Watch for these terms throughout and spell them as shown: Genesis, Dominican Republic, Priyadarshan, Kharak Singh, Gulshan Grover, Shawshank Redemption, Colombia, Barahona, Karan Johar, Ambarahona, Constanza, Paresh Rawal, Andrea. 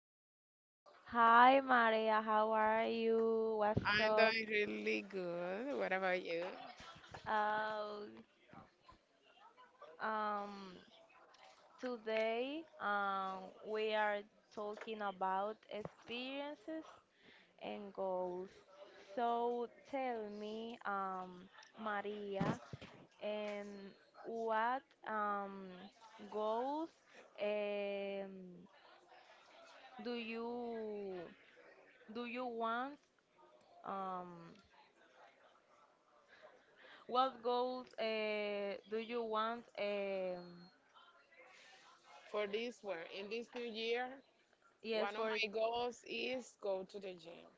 Okay. Uh-huh. Hi, Maria. How are you? What's I'm up? doing really good. What about you? Uh, um, today, we are talking about experiences and goals. So tell me, Maria, and what um goals um do you do you want? um What goals do you want? For this one, in this new year, Yes, one of for it. my goals is go to the gym.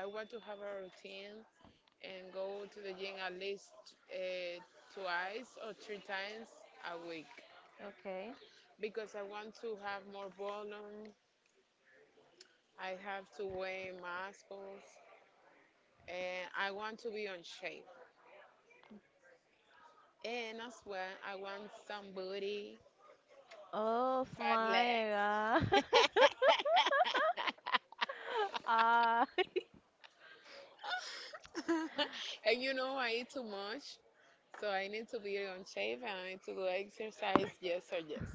I want to have a routine and go to the gym at least uh, twice or three times a week Okay. because I want to have more volume. I have to weigh muscles and I want to be on shape. And as well, I want some booty, Oh fat leg. my God. Ah. And I eat too much, so I need to be on shape and I need to do exercise, yes or yes.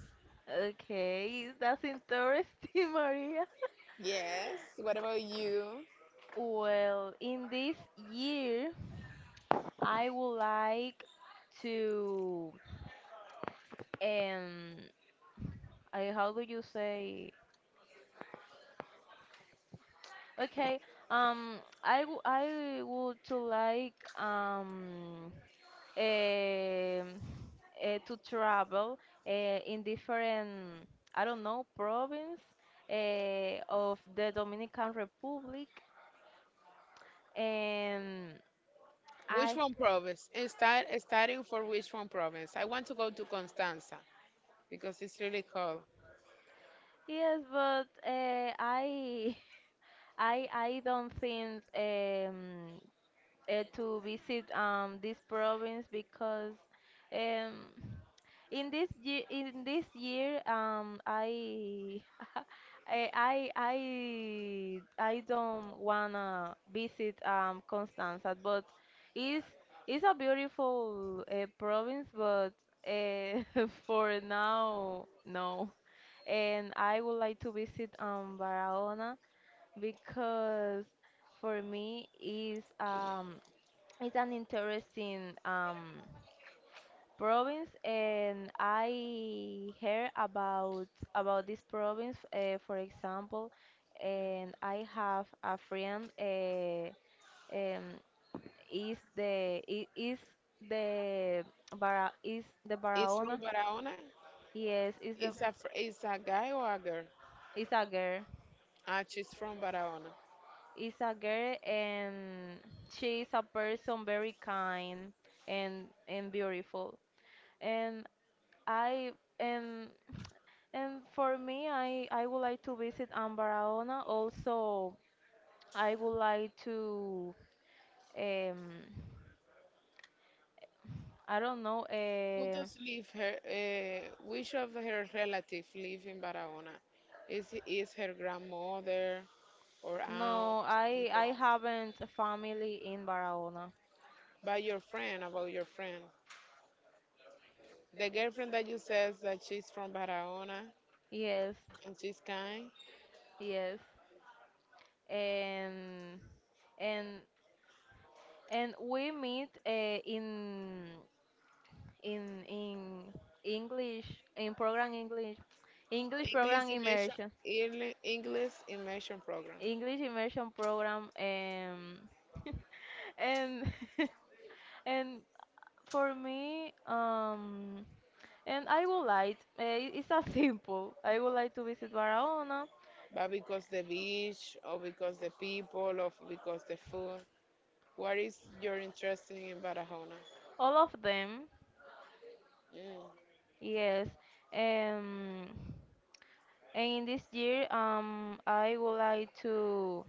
Okay, that's interesting, Maria. Yes, what about you? Well, in this year, I would like to um, I, how do you say? Okay. Um, I would to like em, to travel in different I don't know province of the Dominican Republic and I Which one province? And starting for which one province? I want to go to Constanza because it's really cold. yes, but I I don't think to visit this province because um, in this year I, I don't wanna visit Constanza, but it's it's a beautiful province, but uh, for now no. And I would like to visit Barahona because for me is it's an interesting province, and I heard about this province, for example, and I have a friend. Um, is the is the Bara is the It's from Barahona? Barahona. Yes, is the It's a guy or a girl? is a girl. Ah, she's from Barahona. Is a girl, and she is a person very kind and beautiful. And I um and for me, I would like to visit Ambarahona. Also, I would like to um I don't know. Who does live her? Which of her relatives live in Barahona? Is her grandmother? Or No, aunt, I uncle, haven't a family in Barahona. by your friend, about your friend. The girlfriend that you says that she's from Barahona Yes, and she's kind. yes, and and and we meet in in English in program English English English program immersion, immersion. English immersion program. English immersion program and and for me and I would like it's a simple I would like to visit Barahona But because the beach, or because the people, or because the food. What is your interest in Barahona? all of them Mm. yes um and in this year I would like to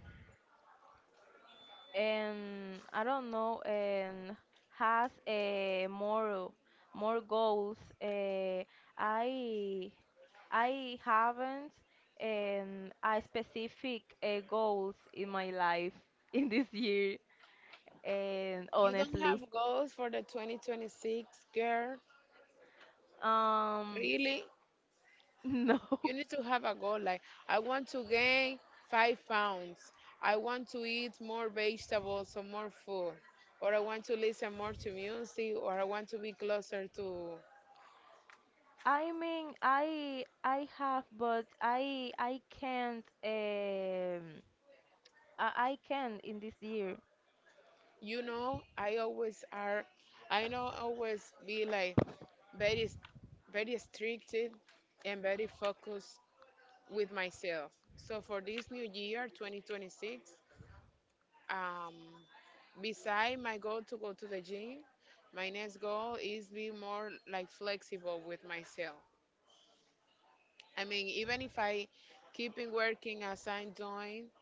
and I don't know, and has more goals. I I haven't a specific goals in my life in this year, and You don't honestly, have goals for the 2026, girl? um, Really? no. You need to have a goal like I want to gain 5 pounds. I want to eat more vegetables or more food. Or I want to listen more to music or I want to be closer to. I mean, I have, but I can't I can in this year. I always are, I know always be like very, very stricted and very focused with myself. So for this new year 2026, Um, beside my goal to go to the gym, my next goal is be more like flexible with myself. I mean, even if I keep in working as I'm doing,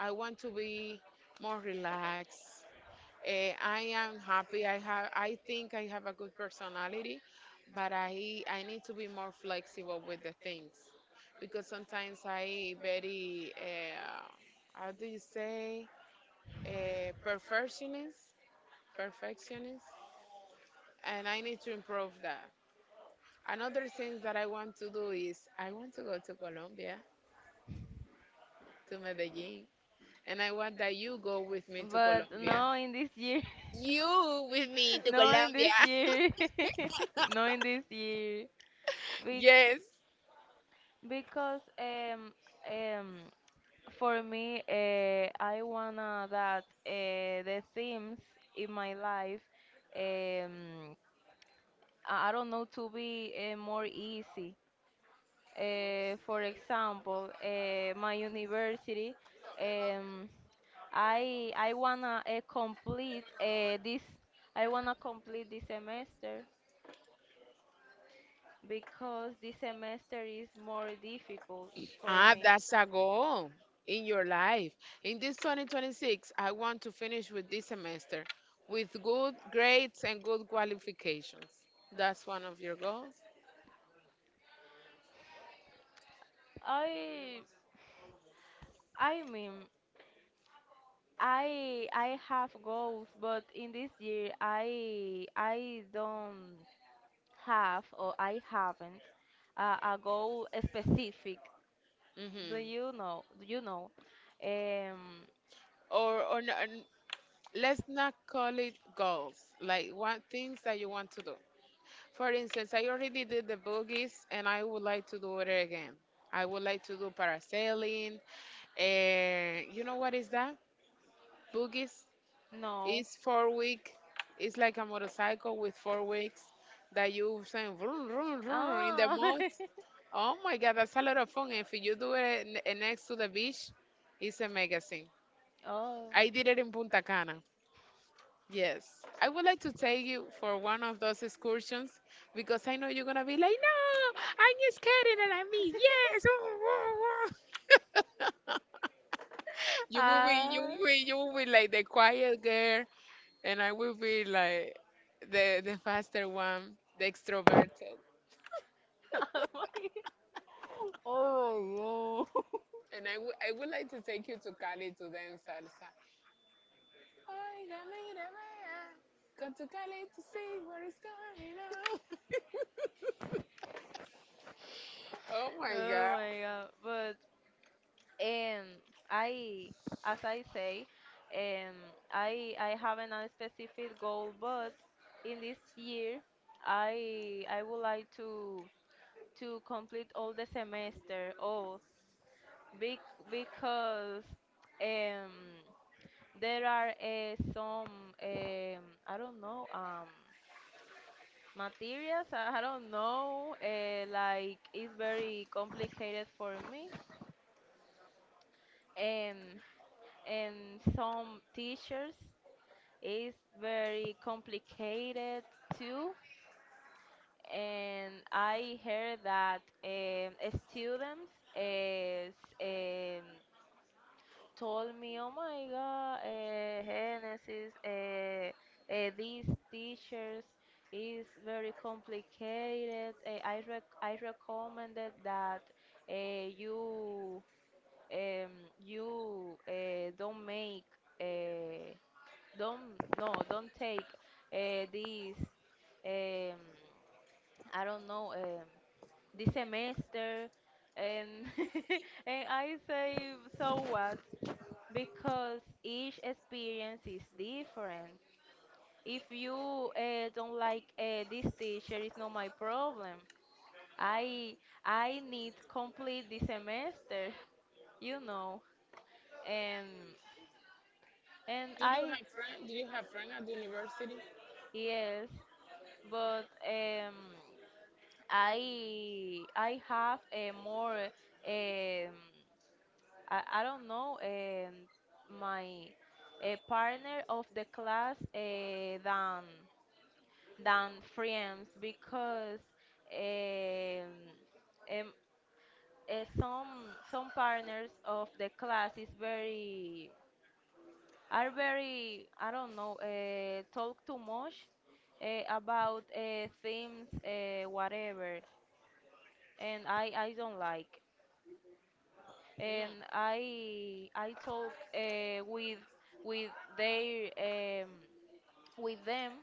I want to be more relaxed. I am happy. I have. I think I have a good personality, but I need to be more flexible with the things because sometimes I very how do you say perfectionist. perfectionist and I need to improve that. Another thing that I want to do is I want to go to Colombia, to Medellin, and I want that you go with me to But Colombia. Colombia. No, in this year. You with me to No, in Colombia. this year. No, in this year. Be Yes. because um for me I wanna that the themes in my life um I don't know to be more easy. For example, my university. Um, I wanna complete this. I wanna complete this semester because this semester is more difficult for Ah, me. that's a goal in your life. In this 2026, I want to finish with this semester with good grades and good qualifications. That's one of your goals? I I mean, I have goals, but in this year I don't have or I haven't a goal specific. Do Mm-hmm. you know? Do you know? Um, Or no, let's not call it goals, like what things that you want to do. For instance, I already did the boogies and I would like to do it again. I would like to do parasailing. And you know what is that? Boogies no. is 4 week. It's like a motorcycle with 4 weeks that you saying Oh. vroom, vroom, Oh. vroom in the Ah. mud. Oh my God, that's a lot of fun. If you do it next to the beach, it's a magazine. I did it in oh my Punta god. Cana. Yes, I would like to take you for one of those excursions because I know you're gonna be like, no, I'm just kidding, and I mean, yes. Woo, woo, woo." You will be, you will be, you will be like the quiet girl, and I will be like the faster one, the extroverted. And I would like to take you to Cali to dance salsa. Oiga, mira, vea, go to Cali to see what is going on. Oh my God. Oh my god. But um I, as I say, um I haven't a specific goal, but in this year I would like to complete all the semester all be because um there are some I don't know materials. I don't know. Like, it's very complicated for me, and and some teachers is very complicated too. And I heard that students is um, told me, "Oh my God, Genesis, these teachers is very complicated. I recommended that you um, you don't make uh, don't no don't take this um, I don't know this semester." And and I say, so what? Because each experience is different. If you don't like this teacher, it's not my problem. I I need complete the semester, you know, and Do you I have friend? Do you have friends at the university? yes, but I have a more um, I don't know my partner of the class than friends because um, um, some partners of the class is very are very I don't know talk too much about themes whatever, and I don't like. No, And I talk with their with them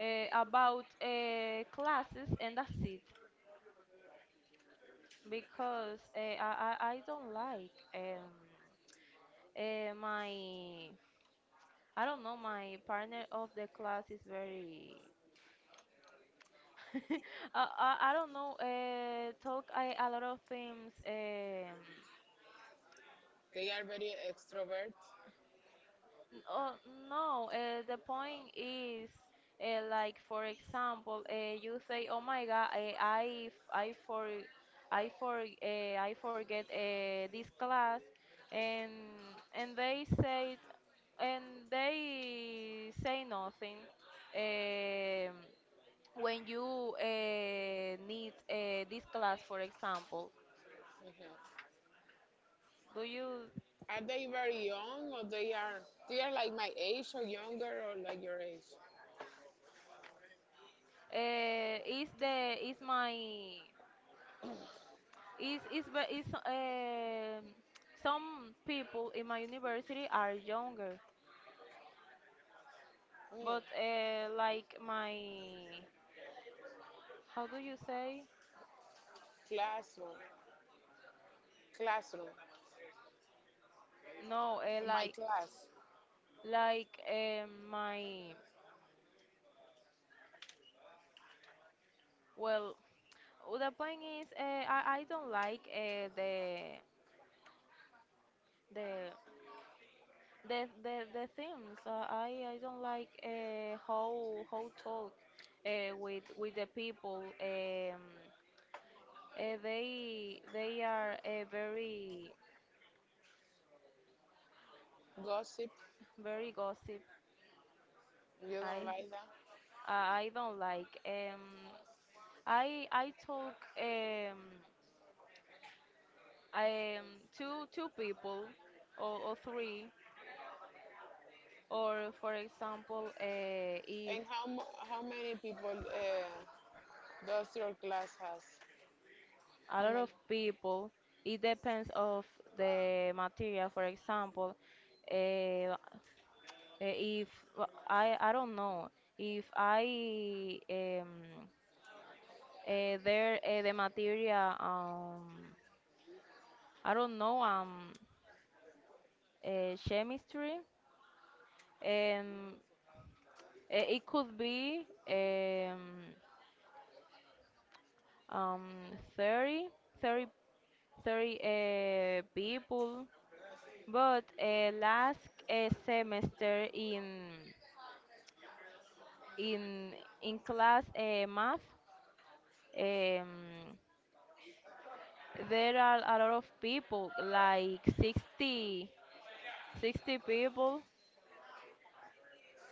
about classes, and that's it. Because I, I don't like my I don't know my partner of the class is very I, I don't know talk I, a lot of things. They are very extrovert. Oh, no, the point is like for example, you say, "Oh my God, I for I forget this class," and they say and nothing. Um when you need this class, for example, Mhm. do you Are they very young or they are like my age or younger or like your age? Is my is ve- is some people in my university are younger, Mm. but like my, how do you say, Classroom, classroom, no, or my like class. My, well, the point is I don't like the the things I don't like how talk with the people they are very Gossip, very gossip. you don't I like that. I don't like. I talk um two people, or three or, for example, if And how how many people does your class has? a How lot of many? people it depends of the material. For example, uh, if I don't know if I. There, the material, I don't know, chemistry. And it could be um, 30, thirty, thirty people. But last semester in in in class math, um, there are a lot of people, like 60 people,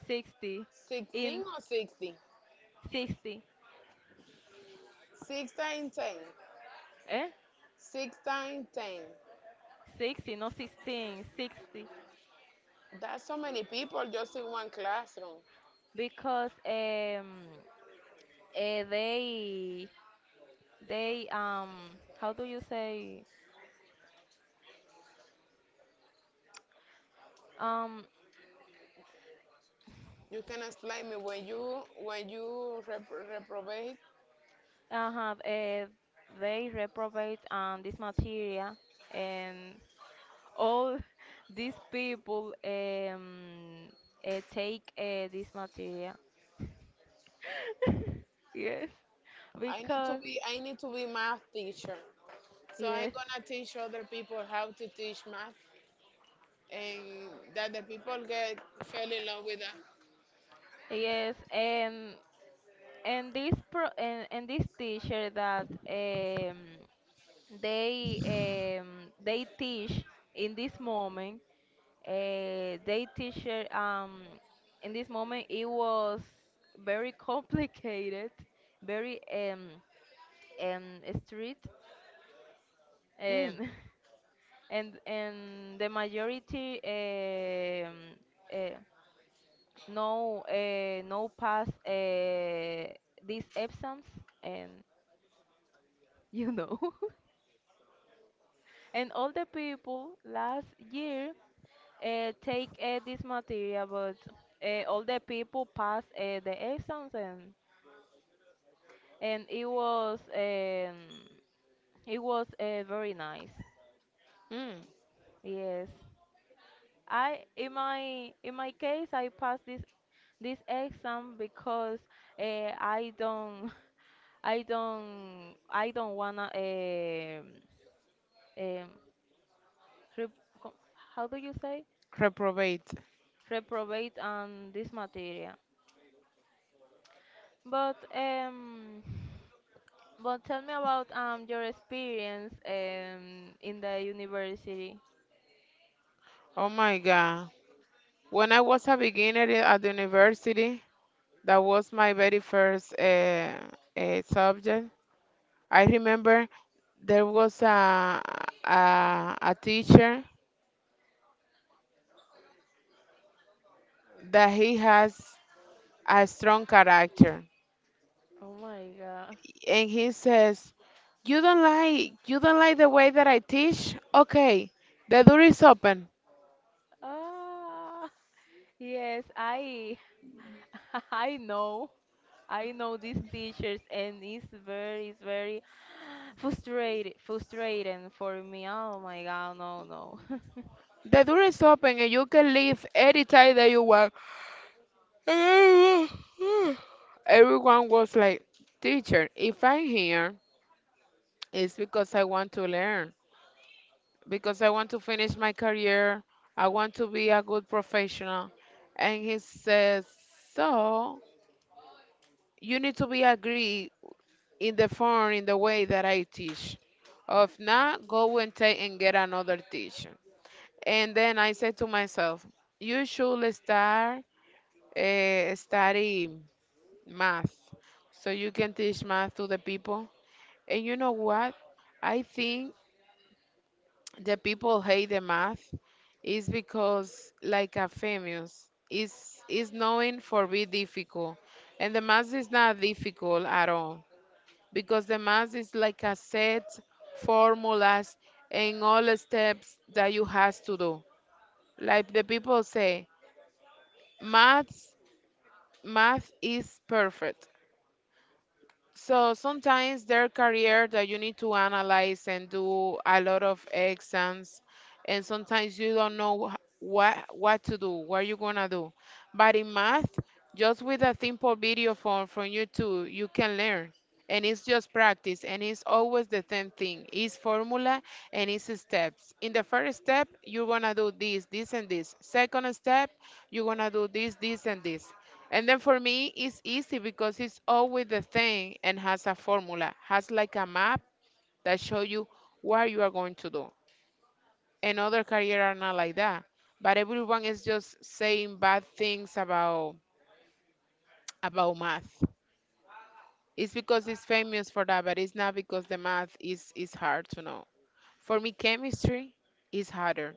60, in 16 or 60? 60, Six times ten. eh Six times ten. 60, not 16, 60, That's so many people just in one classroom. because eh, they they how do you say um You can explain me when you reprobate. uh-huh, they reprobate this material, and all these people take this material. Yes, I need to because be I need to be math teacher. So I'm Yes. gonna teach other people how to teach math, and that the people get fell in love with that. Yes, and and this teacher that they um, they teach in this moment, they teacher in this moment it was very complicated, very um strict, and Mm, and the majority uh, no no pass these exams, and you know, and all the people last year take this material, but all the people pass the exams, and and it was um, it was very nice, mm. yes. I in my case I passed this exam because I don't I don't wanna um rep, co- how do you say, Reprobate. reprobate on this material. But but tell me about your experience in the university. Oh my God. When I was a beginner at the university, that was my very first subject. I remember there was a teacher that he has a strong character. Oh my God. And he says, "You don't like the way that I teach? Okay, the door is open. Ah, yes, I I know. I know these teachers, and it's very frustrated frustrating for me. Oh my god, no, no. The door is open, and you can leave anytime that you want." Everyone was like, "Teacher, if I'm here, it's because I want to learn, because I want to finish my career, I want to be a good professional." And he says, "So." You need to be agree in the form, in the way that I teach. Of not go and take and get another teacher. And then I said to myself, you should start study math so you can teach math to the people. And you know what? I think the people hate the math is because like a famous is knowing for be difficult and the math is not difficult at all because the math is like a set formulas and all the steps that you has to do. Like the people say, math math is perfect. So sometimes their career that you need to analyze and do a lot of exams, and sometimes you don't know what to do, what you're gonna do. But in math, just with a simple video from YouTube, you can learn. And it's just practice, and it's always the same thing. It's formula and it's steps. In the first step, you're gonna do this, this, and this. Second step, you're gonna do this, this, and this. And then for me, it's easy because it's always the thing and has a formula, has like a map that show you what you are going to do. And other career are not like that. But everyone is just saying bad things about math. It's because it's famous for that, but it's not because the math is hard to know. For me, chemistry is harder.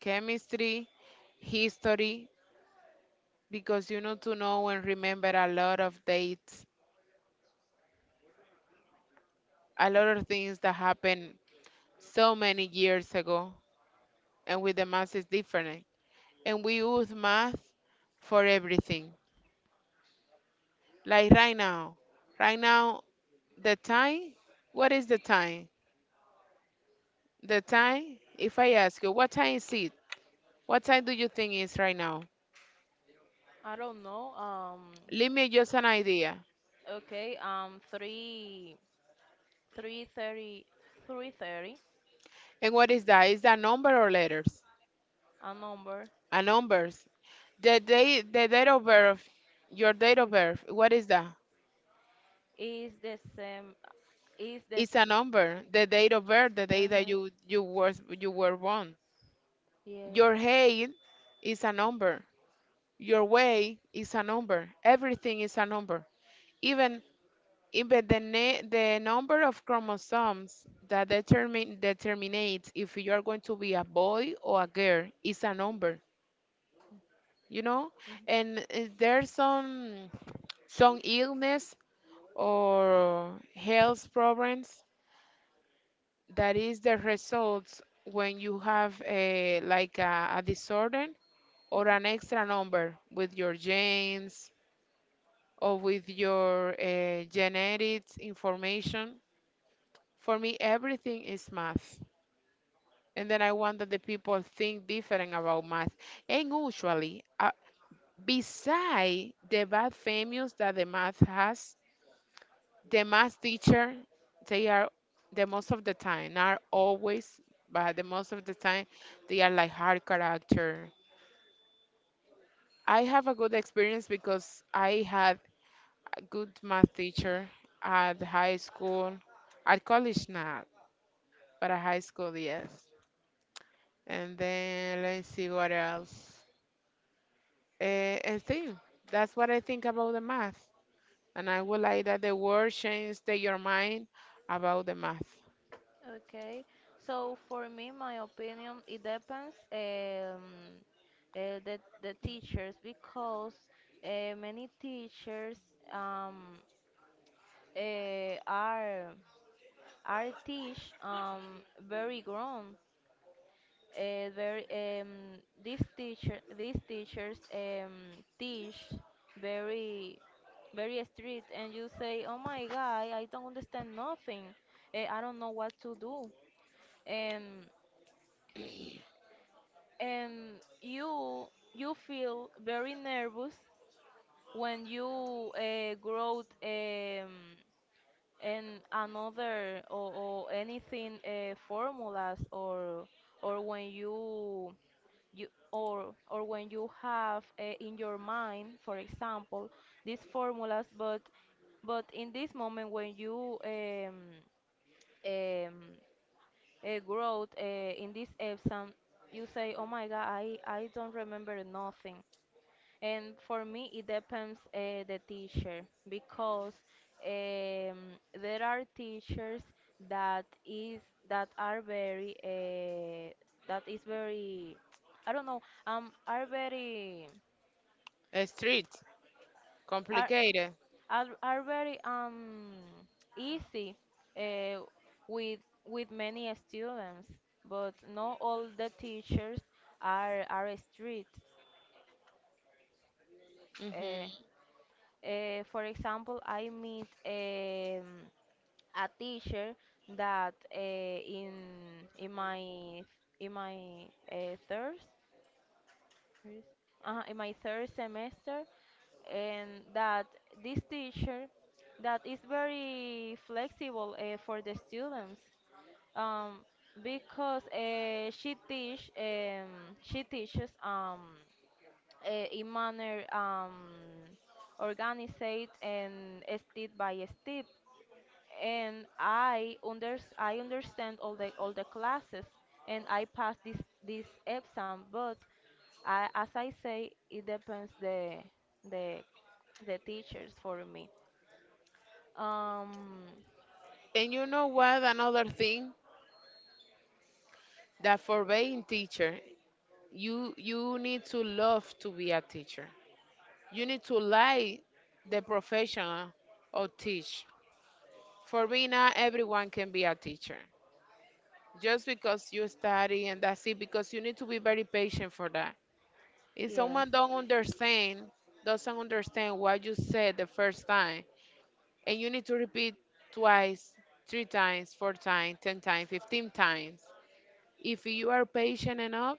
Chemistry, history, because you need to know and remember a lot of dates, a lot of things that happen so many years ago, and with the math is different. And we use math for everything. Like right now, the time, what is the time? The time, if I ask you, what time is it? What time do you think is right now? I don't know. Leave me just an idea. Okay, three three thirty three thirty. And what is that? Is that number or letters? A number. A numbers. The day, the date of birth, your date of birth. What is that? Is the same. Is the It's a number. The date of birth, the day that uh-huh, you were born. yes. Your height is a number. Your weight is a number. Everything is a number. Even even the number of chromosomes that determine determinates if you are going to be a boy or a girl is a number. You know, Mm-hmm. and there's some illness or health problems that is the results when you have a like a disorder or an extra number with your genes or with your genetics information. For me, everything is math. And then I want that the people think different about math. And usually, beside the bad famous that the math has, the math teacher, they are the most of the time, not always, but the most of the time, they are like hard character. I have a good experience because I had a good math teacher at high school, at college not, but at high school, yes. And then let's see what else. And see, that's what I think about the math. And I would like that the world change your mind about the math. Okay, so for me, my opinion, it depends the teachers because many teachers um, uh, are are teach very grown. Very these teachers teach very very strict, and you say, "Oh my God, I don't understand nothing. I don't know what to do." And and you you feel very nervous when you grow in another or anything formulas or when you or when you have in your mind, for example, these formulas, but in this moment when you um, growth in this exam, you say, oh my god, I don't remember nothing. And for me, it depends the teacher because there are teachers that is that are very that is very I don't know um are very Street, are complicated. Are very easy uh, with with many students, but not all the teachers are strict. Uh, Hmm. For example, I meet a teacher that in in my my third first, in my third semester, and that this teacher that is very flexible for the students um, because she teaches in manner organized and step by step. And I understand all the classes, and I pass this exam. But I, as I say, it depends the the teachers for me. Um, And you know what? Another thing that for being teacher, you need to love to be a teacher. You need to like the profession or teach. For me not everyone can be a teacher. Just because you study and that's it, because you need to be very patient for that. If yes. someone don't understand, doesn't understand what you said the first time, and you need to repeat twice, three times, four times, 10 times, 15 times. If you are patient enough,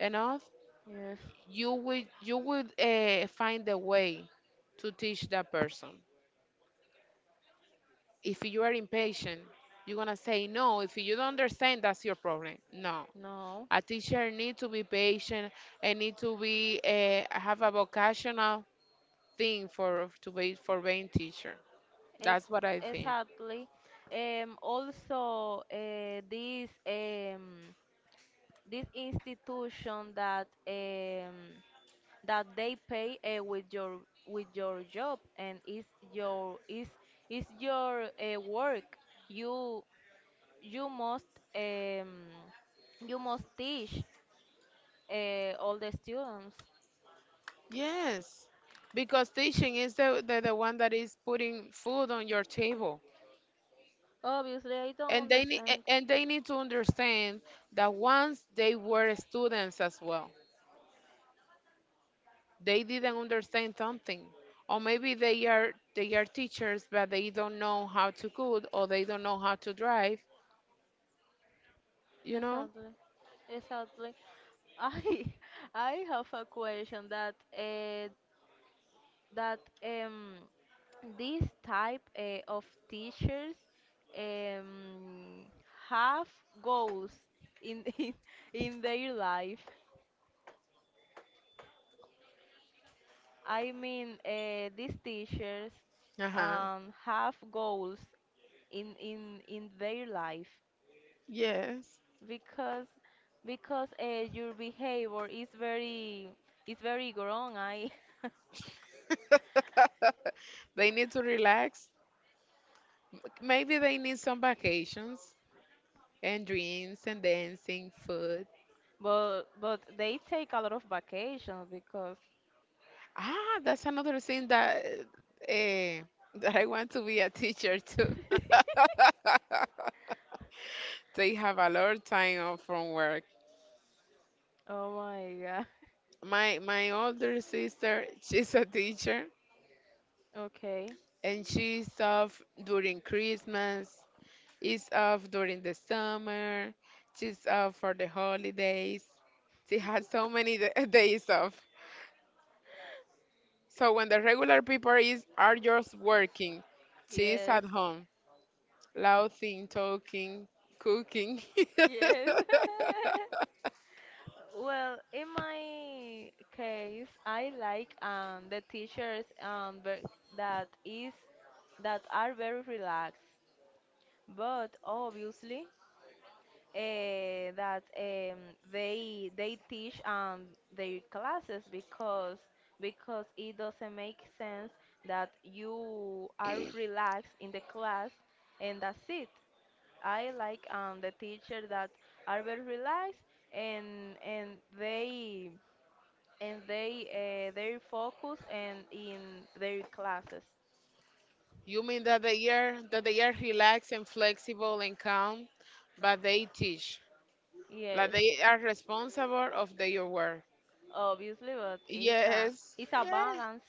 enough, Yes, you will find a way to teach that person. If you are impatient, you're gonna say no. If you don't understand, that's your problem. No, no, a teacher need to be patient and need to be have a vocational thing for to be for being teacher. it's That's what I think. exactly. Also, this institution that that they pay with your job, and is your is your work. you you must um, you must teach all the students. Yes, because teaching is the one that is putting food on your table, Obviously I don't and they need understand. and they need to understand that once they were students as well, they didn't understand something, or maybe they are teachers but they don't know how to cook or they don't know how to drive. You know? Exactly. Exactly. I I have a question that this type of teachers um, have goals in, in their life. I mean, these teachers Uh huh. Have goals in their life Yes. because your behavior is very wrong. I They need to relax. Maybe they need some vacations and dreams and dancing, food. but they take a lot of vacations because. Ah, that's another thing eh, that I want to be a teacher too. They have a lot of time off from work. Oh my god. My older sister, she's a teacher Okay. and she's off during Christmas. Is off during the summer. She's off for the holidays. She has so many days off. So when the regular people is are just working, she is Yes. at home, laughing, talking, cooking. Yes. Well, in my case, I like the teachers that is that are very relaxed, but obviously that they teach their classes because it doesn't make sense that you are relaxed in the class, and that's it. I like the teacher that are very relaxed and they they focus and in their classes. You mean that they are relaxed and flexible and calm, but they teach. Like Yes, they are responsible of their work. obviously, but Yes. it's a Yeah. balance,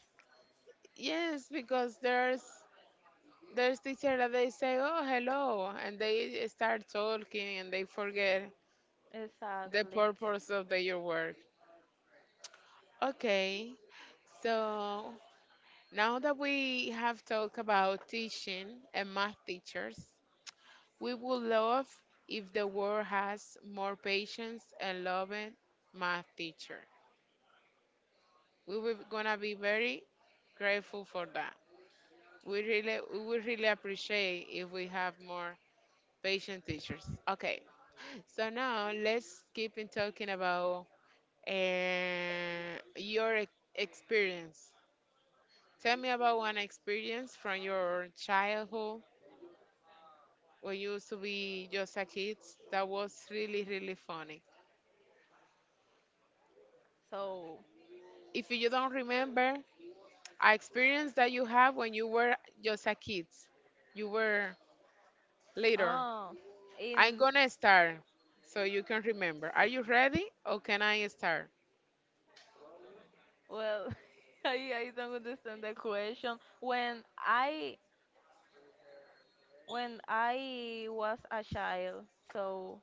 Yes, because there's teacher that they say, "Oh, hello," and they start talking and they forget the exactly. purpose of your work. Okay, so now that we have talked about teaching and math teachers, we would love if the world has more patience and loving math teacher. We were gonna be very grateful for that. We really, we would really appreciate if we have more patient teachers. Okay, so now let's keep in talking about your experience. Tell me about one experience from your childhood when you used to be just a kid that was really, really funny. So, If you don't remember, a experience that you have when you were just a kid, you were later. oh, I'm in, gonna start so you can remember. Are you ready or can I start? well, I don't understand the question. When I, when I was a child, so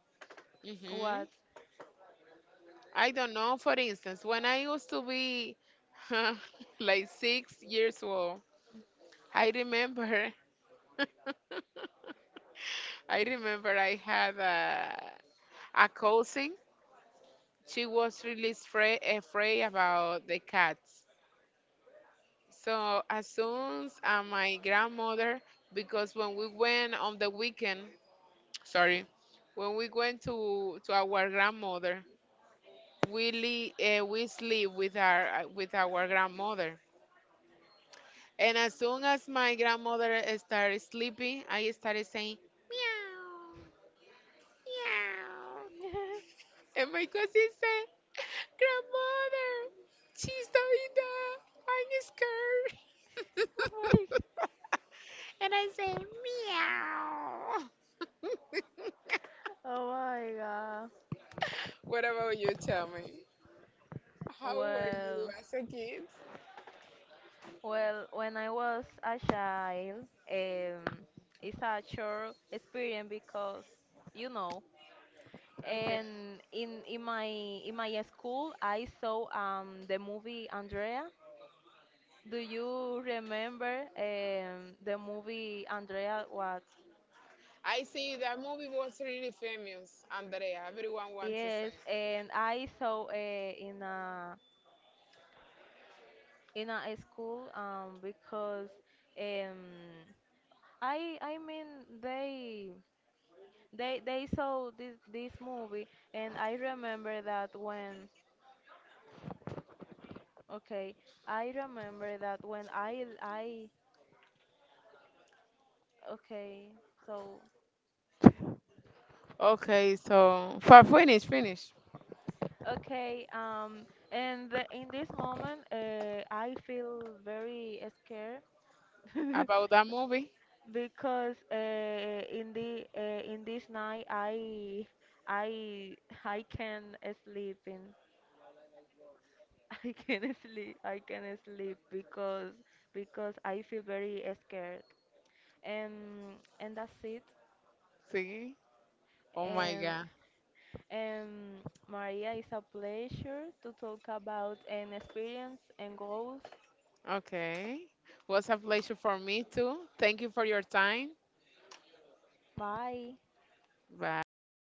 Hmm. what? I don't know. For instance, when I used to be like 6 years old, I remember, I remember I had a cousin. She was really afraid about the cats. So as soon as my grandmother, because when we went on the weekend, sorry, when we went to our grandmother, we sleep with our with our grandmother. And as soon as my grandmother started sleeping, I started saying, meow, meow. And my cousin said, grandmother, she's doing that. I'm scared. And I say, meow. Oh my god. Oh my god. What about you? Tell me. How were you Well, as a kid? When I was a child, um, it's a short experience because, you know, Okay. and in my school, I saw the movie Andrea. Do you remember the movie Andrea? What? I see that movie was really famous, Andrea. Everyone wants to say. Yes, seeing it. And I saw in a school because um I mean they they saw this movie, and I remember that when okay I remember that when I okay, so Okay, so Farfwin finish, finish. okay, and the, in this moment I feel very scared. About that movie? Because in this night I I can sleep in I can sleep because I feel very scared, and and that's it. See? Oh my and God. and Maria, it's a pleasure to talk about an experience and goals. Okay. Was a pleasure for me too. Thank you for your time. Bye. Bye.